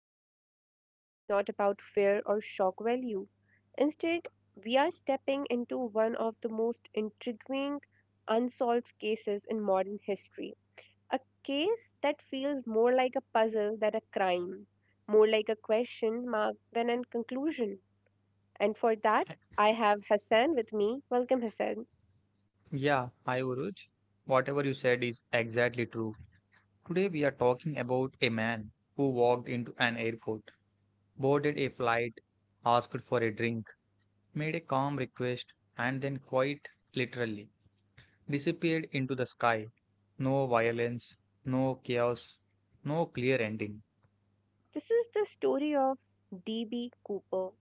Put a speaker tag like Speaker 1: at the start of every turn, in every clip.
Speaker 1: it's definitely not about fear or shock value. Instead, we are stepping into one of the most intriguing unsolved cases in modern history. A case that feels more like a puzzle than a crime, more like a question mark than a conclusion. And for that, I have Hassan with me. Welcome, Hassan.
Speaker 2: Yeah, hi Uruj. Whatever you said is exactly true. Today we are talking about a man who walked into an airport, boarded a flight, asked for a drink, made a calm request, and then quite literally disappeared into the sky. No violence, no chaos, no clear ending.
Speaker 1: This is the story of DB. Cooper,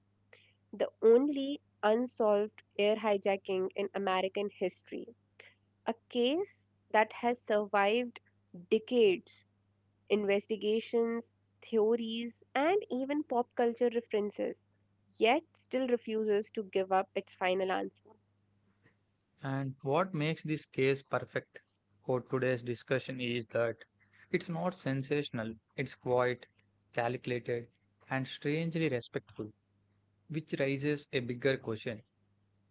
Speaker 1: the only unsolved air hijacking in American history, a case that has survived decades, investigations, theories, and even pop culture references, yet still refuses to give up its final answer.
Speaker 2: And what makes this case perfect for today's discussion is that it's not sensational, it's quiet, calculated, and strangely respectful, which raises a bigger question.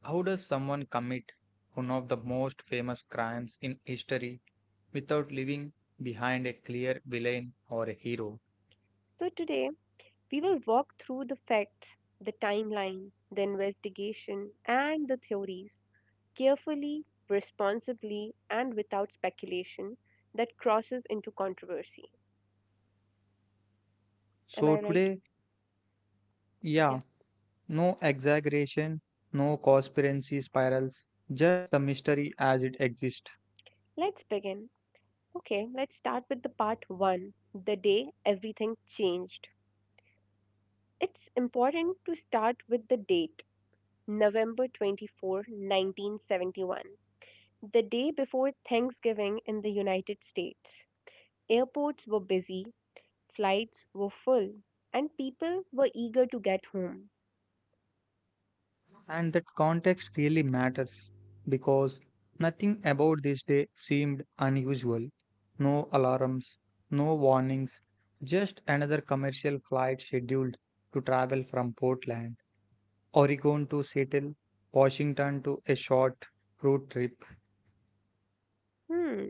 Speaker 2: How does someone commit one of the most famous crimes in history without leaving behind a clear villain or a hero?
Speaker 1: So, today we will walk through the facts, the timeline, the investigation, and the theories carefully, responsibly, and without speculation that crosses into controversy. Am
Speaker 2: So,
Speaker 1: I right?
Speaker 2: today,
Speaker 1: Yeah.
Speaker 2: yeah, no exaggeration, no conspiracy spirals, just the mystery as it exists.
Speaker 1: Let's begin. Okay, let's start with the part one, the day everything changed. It's important to start with the date November 24, 1971, the day before Thanksgiving in the United States. Airports were busy, flights were full, and people were eager to get home.
Speaker 2: And that context really matters because nothing about this day seemed unusual. No alarms, no warnings, just another commercial flight scheduled to travel from Portland, Oregon to Seattle, Washington to a short road trip.
Speaker 1: Hmm.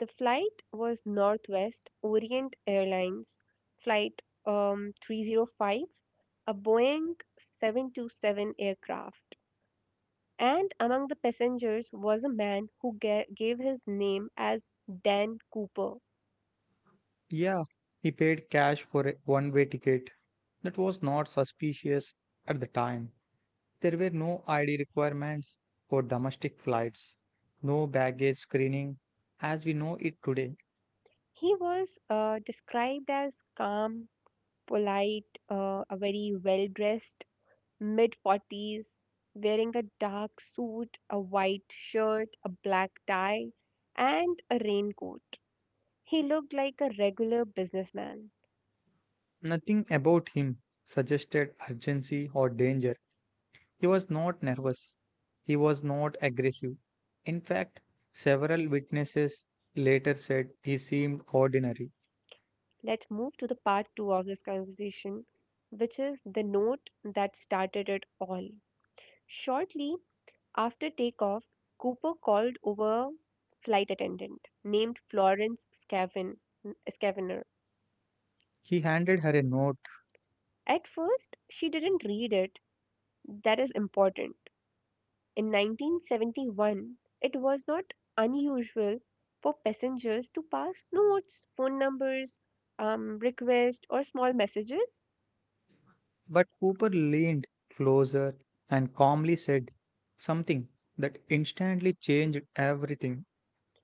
Speaker 1: The flight was Northwest Orient Airlines Flight 305, a Boeing 727 aircraft. And among the passengers was a man who gave his name as Dan Cooper.
Speaker 2: Yeah, he paid cash for a one way ticket that was not suspicious at the time. There were no ID requirements for domestic flights, no baggage screening as we know it today.
Speaker 1: He was described as calm, polite, a very well dressed, mid 40s, wearing a dark suit, a white shirt, a black tie, and a raincoat. He looked like a regular businessman.
Speaker 2: Nothing about him suggested urgency or danger. He was not nervous. He was not aggressive. In fact, several witnesses later said he seemed ordinary.
Speaker 1: Let's move to the part two of this conversation, which is the note that started it all. Shortly after takeoff, Cooper called over flight attendant named Florence Scavener.
Speaker 2: He handed her a note,
Speaker 1: At first, she didn't read it. That is important. In 1971, it was not unusual for passengers to pass notes, phone numbers, requests, or small messages.
Speaker 2: but Cooper leaned closer and calmly said something that instantly changed everything.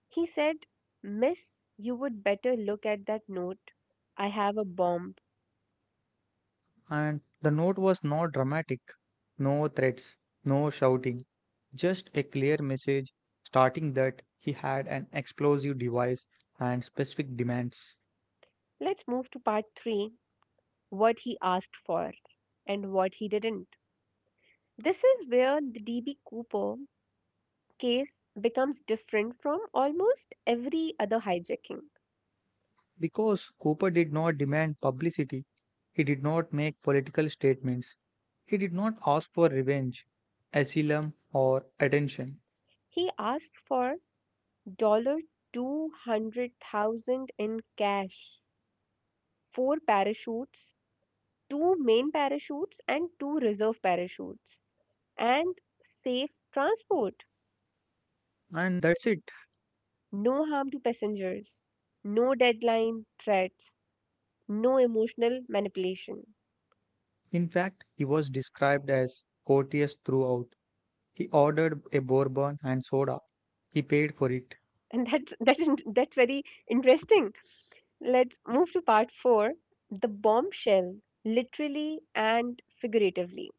Speaker 1: He said, "Miss, you would better look at that note. I have a bomb."
Speaker 2: And the note was not dramatic, no threats, no shouting, just a clear message starting that he had an explosive device and specific demands.
Speaker 1: Let's move to part 3, what he asked for and what he didn't. This is where the DB Cooper case becomes different from almost every other hijacking.
Speaker 2: Because Cooper did not demand publicity, he did not make political statements, he did not ask for revenge, asylum, or attention.
Speaker 1: He asked for dollar 200,000 in cash, four parachutes, two main parachutes and two reserve parachutes, and safe transport.
Speaker 2: And that's it.
Speaker 1: No harm to passengers, no deadline threats, no emotional manipulation.
Speaker 2: In fact, he was described as courteous throughout. He ordered a bourbon and soda. He paid for it.
Speaker 1: And that's very interesting. Let's move to part four, the bombshell, literally and figuratively.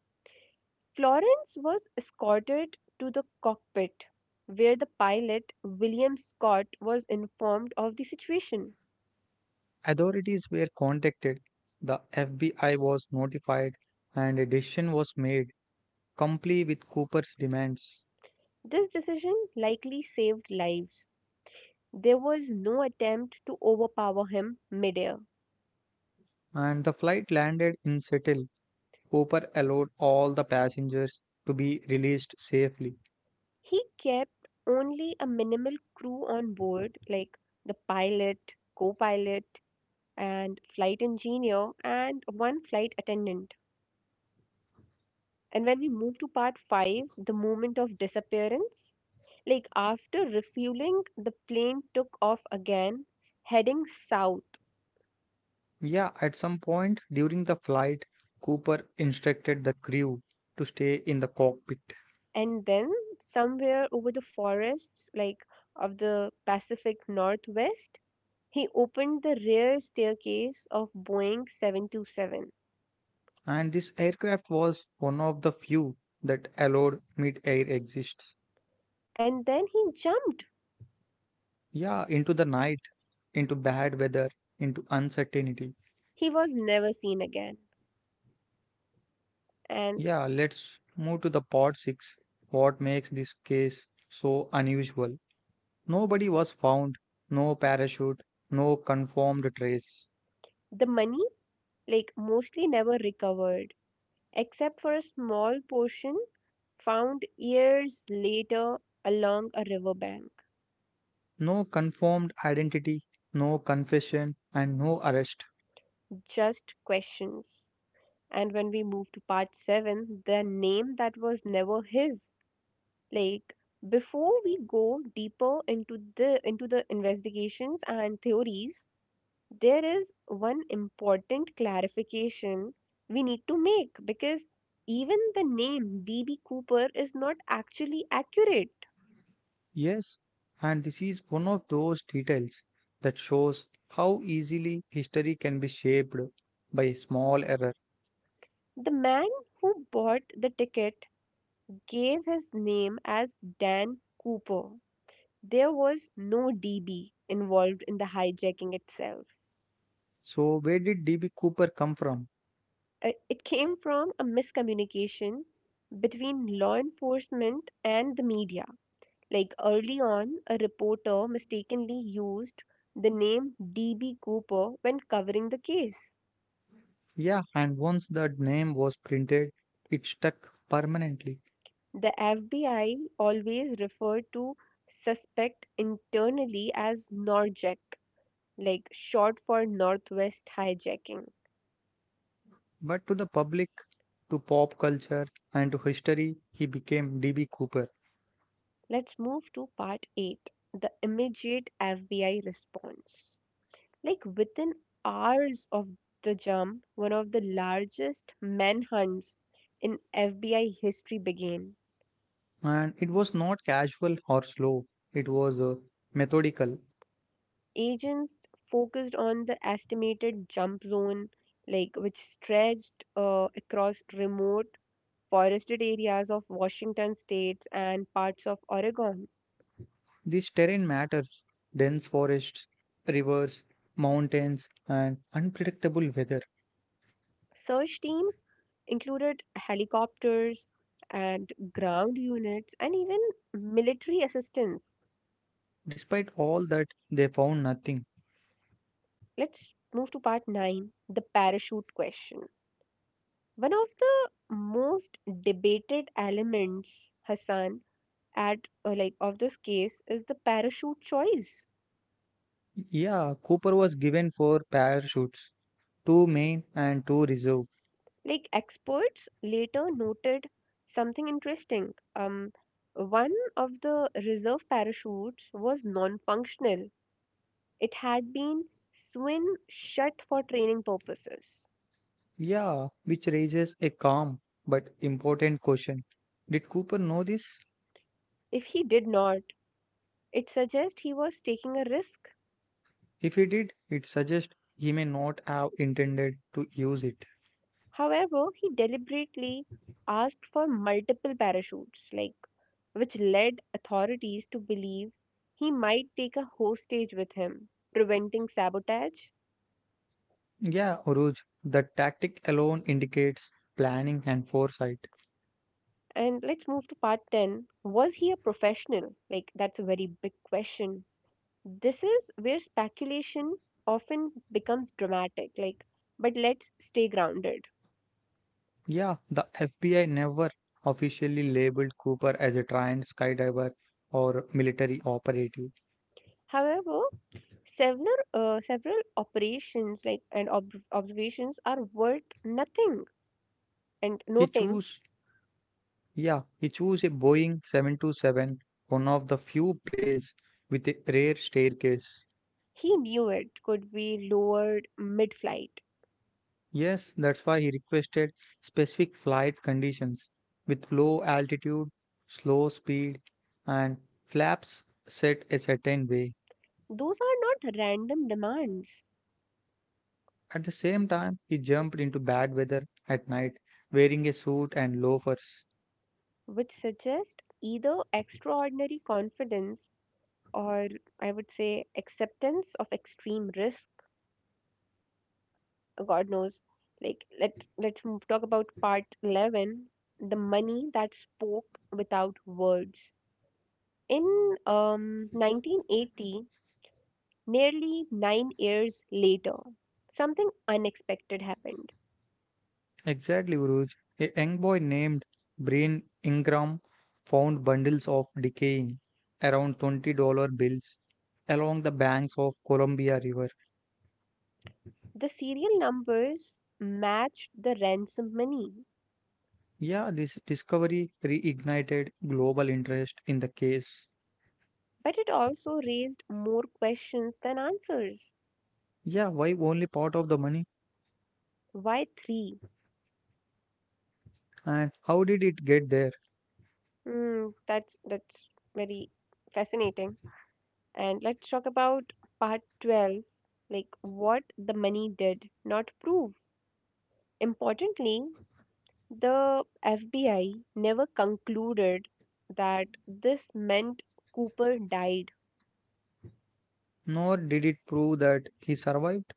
Speaker 1: Florence was escorted to the cockpit, where the pilot, William Scott, was informed of the situation.
Speaker 2: Authorities were contacted, the FBI was notified, and a decision was made to comply with Cooper's demands.
Speaker 1: This decision likely saved lives. There was no attempt to overpower him midair.
Speaker 2: And the flight landed in Seattle. Cooper allowed all the passengers to be released safely.
Speaker 1: He kept only a minimal crew on board, like the pilot, co pilot, and flight engineer, and one flight attendant. And when we move to part five, the moment of disappearance, like after refueling, the plane took off again, heading south.
Speaker 2: Yeah, at some point during the flight, Cooper instructed the crew to stay in the cockpit.
Speaker 1: And then, somewhere over the forests, like of the Pacific Northwest, he opened the rear staircase of Boeing 727.
Speaker 2: And this aircraft was one of the few that allowed mid air exits.
Speaker 1: And then he jumped.
Speaker 2: Yeah, into the night, into bad weather, into uncertainty.
Speaker 1: He was never seen again. And
Speaker 2: Yeah, let's move to the part 6. What makes this case so unusual? Nobody was found, no parachute, no confirmed trace,
Speaker 1: the money, like, mostly never recovered, except for a small portion found years later along a riverbank.
Speaker 2: no confirmed identity, no confession, and no arrest.
Speaker 1: Just questions. And when we move to part 7, the name that was never his. Like before we go deeper into the investigations and theories, there is one important clarification we need to make because even the name DB Cooper is not actually accurate.
Speaker 2: Yes, and this is one of those details that shows how easily history can be shaped by a small error.
Speaker 1: The man who bought the ticket gave his name as Dan Cooper. There was no DB involved in the hijacking itself.
Speaker 2: So, where did DB Cooper come from?
Speaker 1: It came from a miscommunication between law enforcement and the media. Like early on, a reporter mistakenly used the name DB Cooper when covering the case.
Speaker 2: Yeah, and once the name was printed, it stuck permanently.
Speaker 1: The FBI always referred to suspect internally as Norjack, like short for Northwest hijacking.
Speaker 2: But to the public, to pop culture, and to history, he became D.B. Cooper.
Speaker 1: Let's move to part 8, the immediate FBI response. Like within hours of the jump, one of the largest manhunts in FBI history began.
Speaker 2: And it was not casual or slow, it was methodical.
Speaker 1: Agents focused on the estimated jump zone, like which stretched across remote forested areas of Washington states and parts of Oregon.
Speaker 2: This terrain matters dense forests, rivers, mountains, and unpredictable weather.
Speaker 1: Search teams included helicopters and ground units and even military assistance.
Speaker 2: Despite all that, they found nothing.
Speaker 1: Let's move to part 9, the parachute question. One of the most debated elements, Hassan, at like of this case is the parachute choice.
Speaker 2: Yeah, Cooper was given four parachutes two main and two reserve.
Speaker 1: Like experts later noted something interesting. One of the reserve parachutes was non functional. It had been sewn shut for training purposes.
Speaker 2: Yeah, which raises a calm but important question. Did Cooper know this?
Speaker 1: If he did not, it suggests he was taking a risk.
Speaker 2: If he did, it suggests he may not have intended to use it.
Speaker 1: However, he deliberately asked for multiple parachutes, like which led authorities to believe he might take a hostage with him, preventing sabotage.
Speaker 2: Yeah, Uruj, the tactic alone indicates planning and foresight.
Speaker 1: And let's move to part 10. Was he a professional? Like that's a very big question. This is where speculation often becomes dramatic, like, but let's stay grounded.
Speaker 2: Yeah, the FBI never officially labeled Cooper as a trained skydiver or military operative.
Speaker 1: However, several operations like and observations are worth nothing and
Speaker 2: He
Speaker 1: noting
Speaker 2: chose, yeah, he chose a Boeing 727, one of the few planes with a rare staircase.
Speaker 1: he knew it could be lowered mid-flight.
Speaker 2: Yes, that's why he requested specific flight conditions with low altitude, slow speed, and flaps set a certain way.
Speaker 1: Those are not random demands,
Speaker 2: At the same time, he jumped into bad weather at night wearing a suit and loafers.
Speaker 1: which suggest either extraordinary confidence or I would say acceptance of extreme risk, God knows. Like talk about part 11, the money that spoke without words. In 1980, nearly 9 years later, something unexpected happened.
Speaker 2: Exactly, Uruj. A young boy named Breen Ingram found bundles of decaying around $20 bills along the banks of Columbia River.
Speaker 1: The serial numbers matched the ransom money,
Speaker 2: Yeah, this discovery reignited global interest in the case.
Speaker 1: but it also raised more questions than answers.
Speaker 2: Yeah, why only part of the money?
Speaker 1: Why three?
Speaker 2: And how did it get there?
Speaker 1: Hmm, that's very fascinating. And let's talk about part 12, like what the money did not prove. Importantly, the FBI never concluded that this meant Cooper died.
Speaker 2: Nor did it prove that he survived.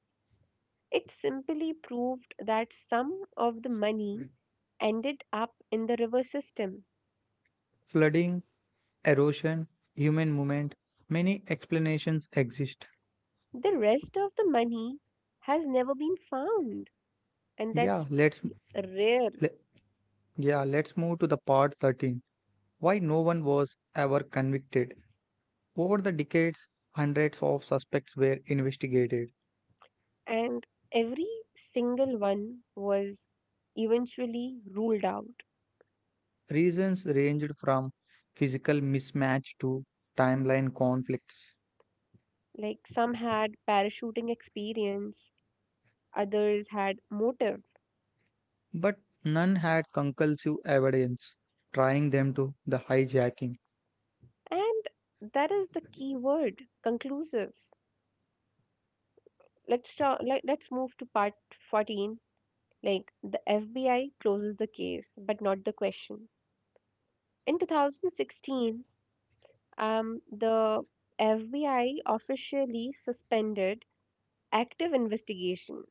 Speaker 1: It simply proved that some of the money ended up in the river system.
Speaker 2: Flooding, erosion, human movement, many explanations exist.
Speaker 1: The rest of the money has never been found, and
Speaker 2: Yeah,
Speaker 1: that's
Speaker 2: let's
Speaker 1: very rare.
Speaker 2: le- yeah, let's move to the part 13. Why no one was ever convicted? Over the decades, hundreds of suspects were investigated.
Speaker 1: And every single one was eventually ruled out.
Speaker 2: Reasons ranged from physical mismatch to timeline conflicts,
Speaker 1: Like some had parachuting experience, others had motive,
Speaker 2: but none had conclusive evidence tying them to the hijacking.
Speaker 1: and that is the key word, conclusive. Let's move to part 14. Like the FBI closes the case, but not the question. In 2016, the FBI officially suspended active investigation.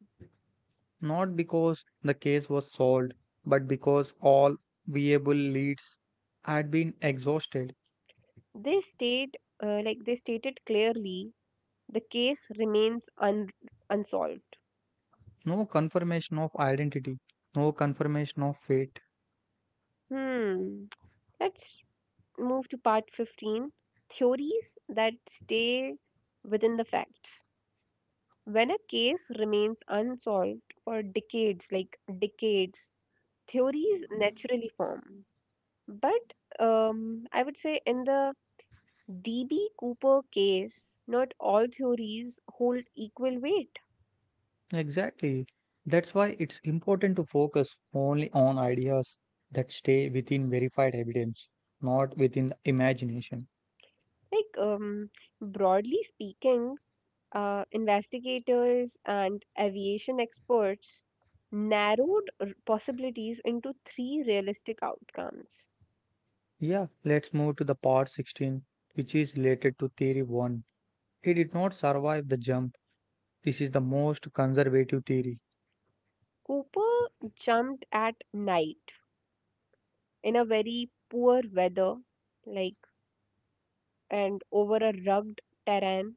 Speaker 2: Not because the case was solved, but because all viable leads had been exhausted.
Speaker 1: They state, they stated clearly, the case remains unsolved.
Speaker 2: No confirmation of identity, no confirmation of fate.
Speaker 1: Hmm. Let's move to part 15, theories that stay within the facts. When a case remains unsolved for decades, like decades, theories naturally form. But I would say in the DB Cooper case, not all theories hold equal weight.
Speaker 2: Exactly. That's why it's important to focus only on ideas that stay within verified evidence, not within the imagination.
Speaker 1: Like, broadly speaking, investigators and aviation experts narrowed possibilities into three realistic outcomes.
Speaker 2: Yeah, let's move to the part 16, which is related to theory 1. It did not survive the jump. This is the most conservative theory.
Speaker 1: Cooper jumped at night in a very poor weather, like and over a rugged terrain,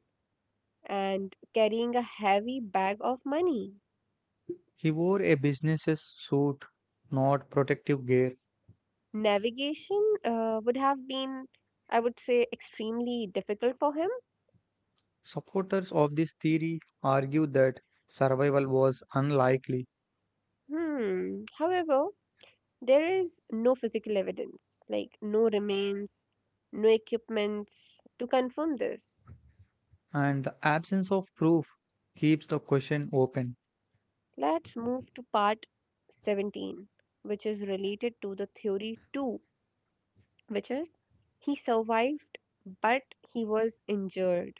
Speaker 1: and carrying a heavy bag of money.
Speaker 2: He wore a business suit, not protective gear.
Speaker 1: Navigation would have been, I would say, extremely difficult for him.
Speaker 2: Supporters of this theory argue that survival was unlikely,
Speaker 1: Hmm. However, there is no physical evidence, like no remains, no equipments to confirm this.
Speaker 2: and the absence of proof keeps the question open,
Speaker 1: Let's move to part 17, which is related to the theory 2, which is he survived but he was injured.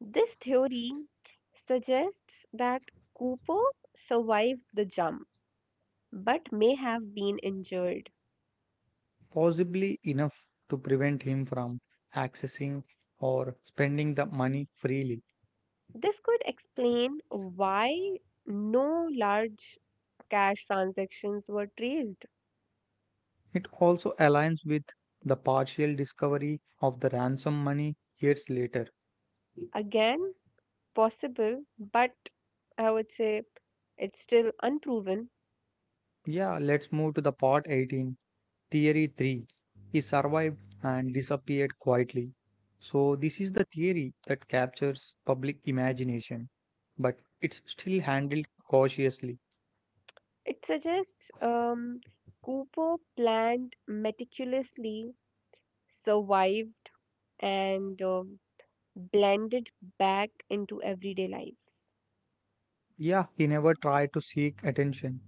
Speaker 1: This theory suggests that Cooper survived the jump but may have been injured.
Speaker 2: possibly enough to prevent him from accessing or spending the money freely.
Speaker 1: This could explain why no large cash transactions were traced.
Speaker 2: It also aligns with the partial discovery of the ransom money years later.
Speaker 1: Again, possible, but I would say it's still unproven.
Speaker 2: Yeah, let's move to the part 18. Theory 3. He survived and disappeared quietly. So, this is the theory that captures public imagination, but it's still handled cautiously.
Speaker 1: It suggests Cooper planned meticulously, survived, and blended back into everyday lives.
Speaker 2: Yeah, he never tried to seek attention.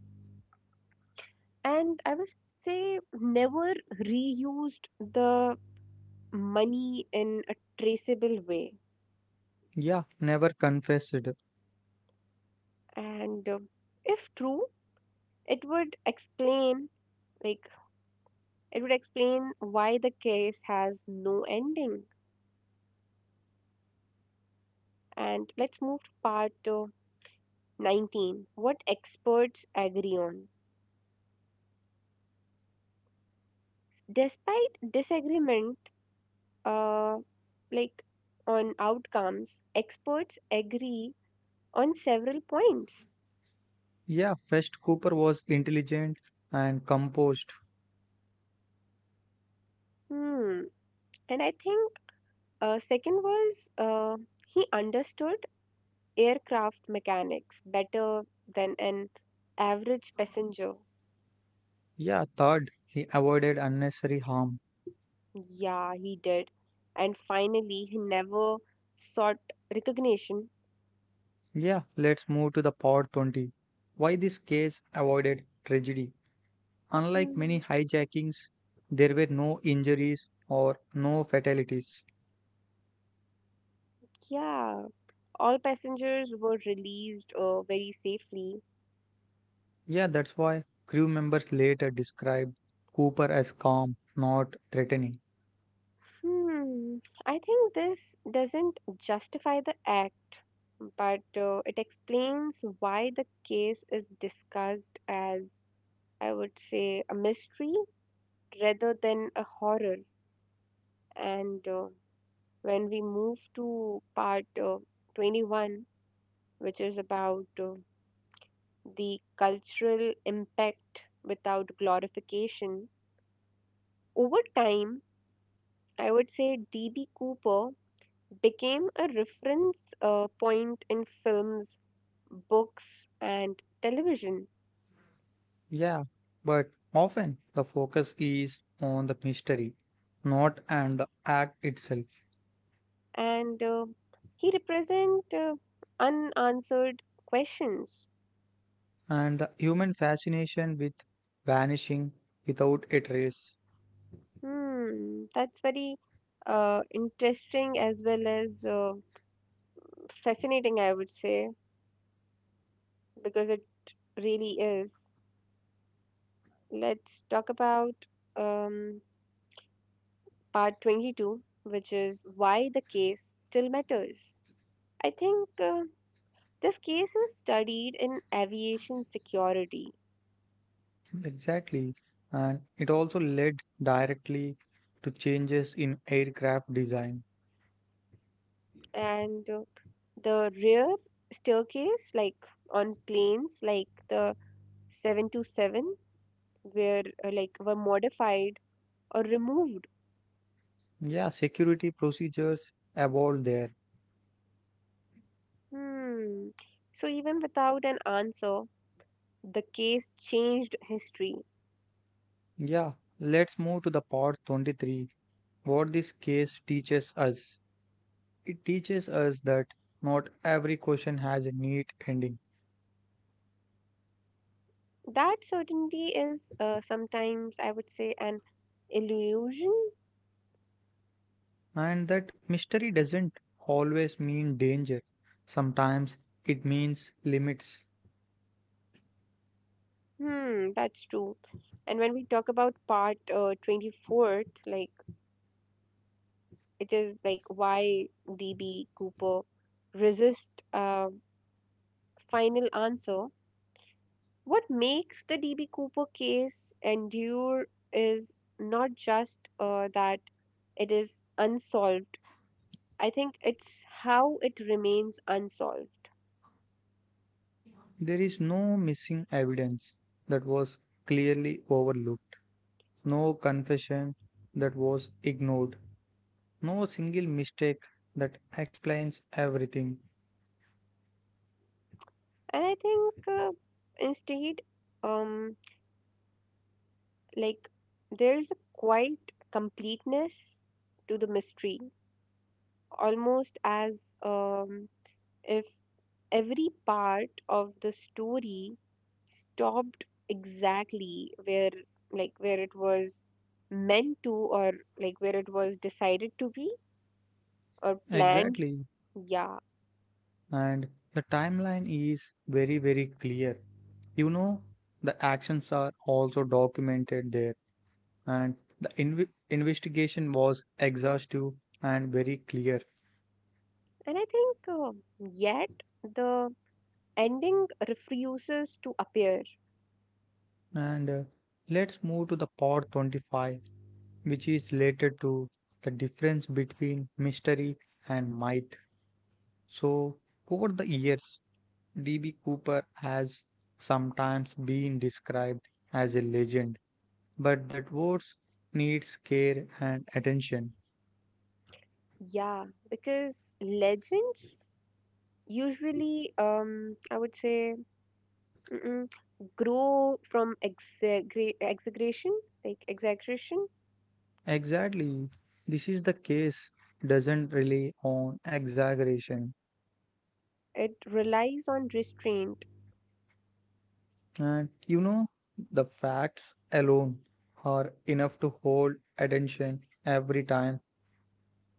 Speaker 1: And I would say never reused the money in a traceable way.
Speaker 2: Yeah, never confessed.
Speaker 1: And if true, it would explain like It would explain why the case has no ending. And let's move to part 19, what experts agree on. Despite disagreement uh, like on outcomes, experts agree on several points.
Speaker 2: Yeah, first Cooper was intelligent and composed.
Speaker 1: Hmm. And I think second was he understood aircraft mechanics better than an average passenger.
Speaker 2: Yeah, third, he avoided unnecessary harm.
Speaker 1: Yeah, he did. And finally, he never sought recognition.
Speaker 2: Yeah, let's move to the part 20. Why this case avoided tragedy? Unlike many
Speaker 1: Hmm.
Speaker 2: hijackings, there were no injuries or no fatalities.
Speaker 1: Yeah, all passengers were released very safely.
Speaker 2: Yeah, that's why crew members later described Cooper as calm, not threatening.
Speaker 1: Hmm, I think this doesn't justify the act, but it explains why the case is discussed as, I would say, a mystery rather than a horror. And When we move to part 21, which is about the cultural impact without glorification. Over time, I would say DB. Cooper became a reference point in films, books, and television,
Speaker 2: Yeah, but often the focus is on the mystery, not and the act itself,
Speaker 1: and he represent unanswered questions.
Speaker 2: and the human fascination with vanishing without a trace.
Speaker 1: Hmm, that's very interesting as well as fascinating, I would say, because it really is. Let's talk about um, part 22, which is why the case still matters. I think this case is studied in aviation security,
Speaker 2: Exactly, and it also led directly to changes in aircraft design.
Speaker 1: and the rear staircase, like on planes like the 727, were like were modified or removed.
Speaker 2: Yeah, security procedures evolved there.
Speaker 1: Hmm. So even without an answer, the case changed history.
Speaker 2: Yeah, let's move to the part 23. What this case teaches us. It teaches us that not every question has a neat ending
Speaker 1: That certainty is sometimes, I would say, an illusion.
Speaker 2: and that mystery doesn't always mean danger. Sometimes it means limits.
Speaker 1: Hmm, that's true. And when we talk about part 24th, like it is like why DB Cooper resist a final answer. What makes the DB Cooper case endure is not just that it is unsolved. I think it's how it remains unsolved.
Speaker 2: There is no missing evidence that was clearly overlooked, no confession that was ignored, no single mistake that explains everything.
Speaker 1: And I think instead, um, like, there's a quite completeness to the mystery, almost as if every part of the story stopped exactly where, like, where it was meant to, or like where it was decided to be or planned.
Speaker 2: Exactly.
Speaker 1: Yeah.
Speaker 2: And the timeline is very, very clear. You know, the actions are also documented there, and the investigation was exhaustive and very clear.
Speaker 1: And I think yet the ending refuses to appear.
Speaker 2: And Let's move to the part 25, which is related to the difference between mystery and myth. So, over the years, D.B. Cooper has sometimes been described as a legend but that wards needs care and attention.
Speaker 1: Yeah, because legends usually, I would say, mm-mm, grow from exaggerate exaggeration like exaggeration
Speaker 2: Exactly. This is the case doesn't rely on exaggeration.
Speaker 1: It relies on restraint.
Speaker 2: And you know, the facts alone are enough to hold attention every time.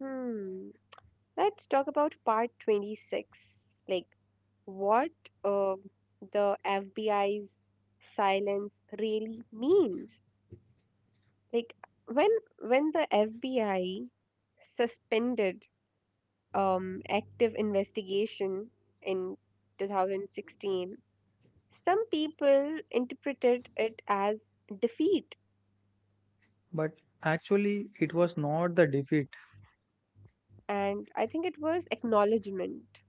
Speaker 1: Hmm. Let's talk about part 26, like what uh, the FBI's silence really means. Like when when the FBI suspended active investigation in 2016, some people interpreted it as defeat.
Speaker 2: But actually, it was not the defeat.
Speaker 1: And I think it was acknowledgement.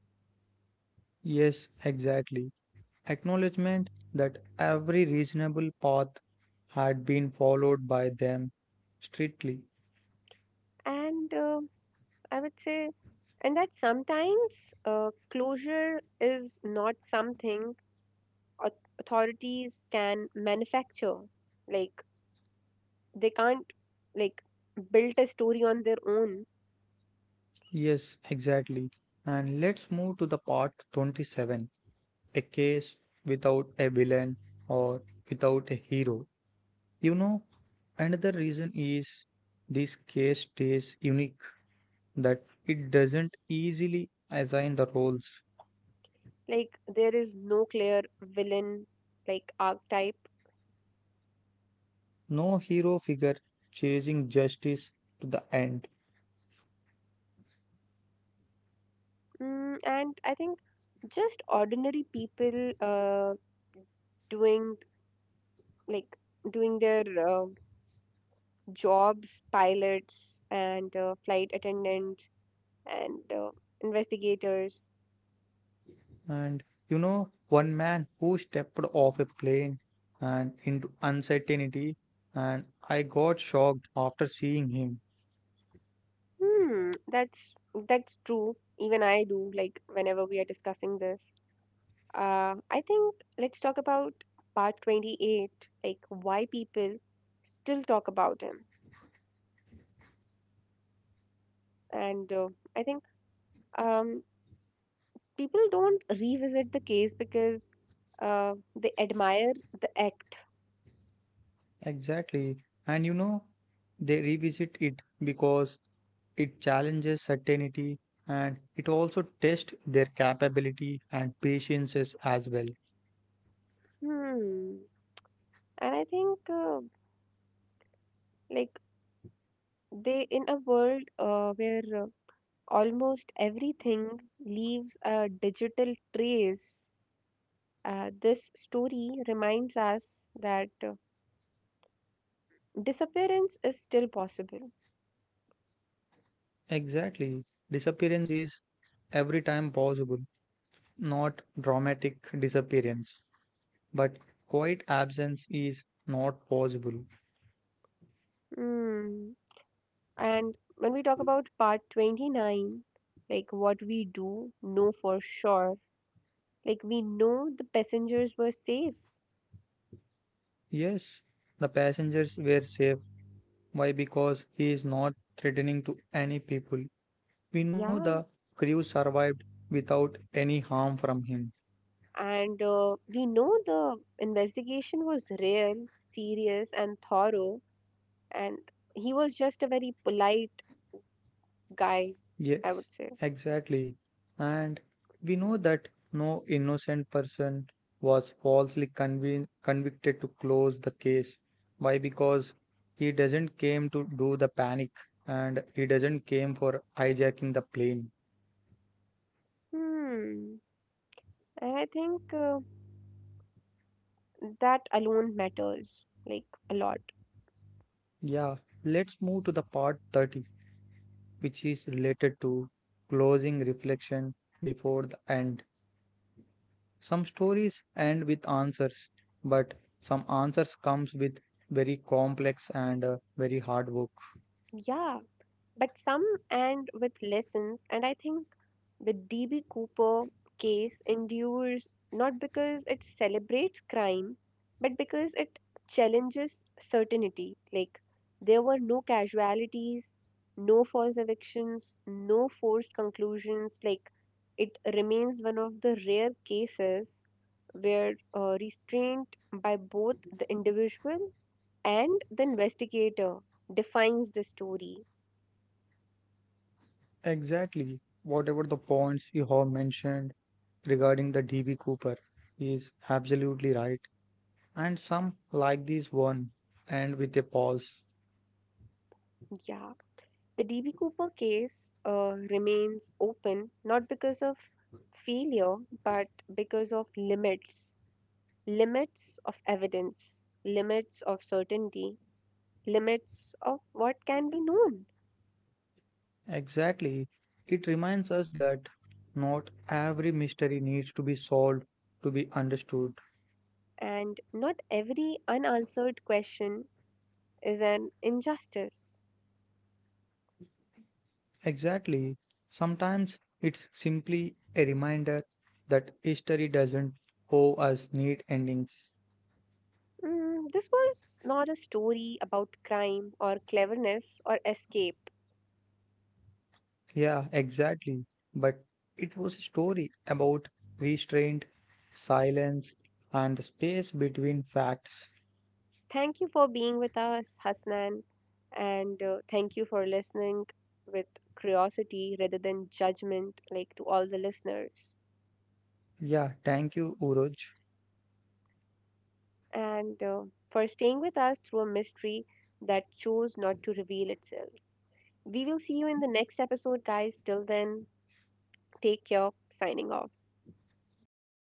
Speaker 2: Yes, exactly. Acknowledgement that every reasonable path had been followed by them strictly.
Speaker 1: And I would say, and that sometimes closure is not something au- authorities can manufacture, like they can't, like build a story on their own.
Speaker 2: Yes, exactly. And let's move to the part 27, a case without a villain or without a hero. You know, another reason is this case stays unique, that it doesn't easily assign the roles.
Speaker 1: Like there is no clear villain, like archetype.
Speaker 2: No hero figure chasing justice to the end.
Speaker 1: Mm, and I think just ordinary people doing, like doing their jobs, pilots and flight attendants and investigators.
Speaker 2: And you know, one man who stepped off a plane and into uncertainty, and I got shocked after seeing him.
Speaker 1: Hmm, that's true. Even I do. Like whenever we are discussing this, I think let's talk about part 28. Like why people still talk about him, and I think um, people don't revisit the case because they admire the act.
Speaker 2: Exactly. And you know, they revisit it because it challenges certainty and it also tests their capability and patiences as well.
Speaker 1: Hmm, and I think. Like They in a world where almost everything leaves a digital trace, this story reminds us that disappearance is still possible.
Speaker 2: Exactly. Disappearance is every time possible, not dramatic disappearance, but quiet absence is not possible.
Speaker 1: Mm. And when we talk about part 29, like what we do know for sure, like we know the passengers were safe.
Speaker 2: Yes, the passengers were safe. Why? Because he is not threatening to any people. We know
Speaker 1: Yeah.
Speaker 2: the crew survived without any harm from him.
Speaker 1: And We know the investigation was real, serious, and thorough, and he was just a very polite guy, I
Speaker 2: Yes,
Speaker 1: would say.
Speaker 2: exactly. And we know that no innocent person was falsely convin convicted to close the case. Why? Because he doesn't came to do the panic and he doesn't came for hijacking the plane.
Speaker 1: Hmm. And I think that alone matters like a lot.
Speaker 2: Yeah, let's move to the part 30, which is related to closing reflection before the end. Some stories end with answers, but some answers comes with very complex and very hard work.
Speaker 1: Yeah, but some and with lessons, and I think the DB Cooper case endures not because it celebrates crime, but because it challenges certainty. Like, there were no casualties, no false evictions, no forced conclusions. Like, it remains one of the rare cases where restraint by both the individual and the investigator defines the story.
Speaker 2: Exactly. Whatever the points you have mentioned regarding the DB Cooper is absolutely right. And some like this one end with a pause.
Speaker 1: Yeah. The DB Cooper case remains open not because of failure but because of limits of evidence, limits of certainty, limits of what can be known.
Speaker 2: Exactly. It reminds us that not every mystery needs to be solved to be understood.
Speaker 1: And not every unanswered question is an injustice.
Speaker 2: Exactly. Sometimes it's simply a reminder that history doesn't owe us neat endings.
Speaker 1: Mm, this was not a story about crime or cleverness or escape.
Speaker 2: Yeah, exactly. But it was a story about restraint, silence, and the space between facts.
Speaker 1: Thank you for being with us, Hasnan, and thank you for listening with curiosity rather than judgment, like to all the listeners,
Speaker 2: Yeah, thank you, Uroj.
Speaker 1: and for staying with us through a mystery that chose not to reveal itself. We will see you in the next episode, guys. Till then, take care. Signing off.
Speaker 2: Yeah.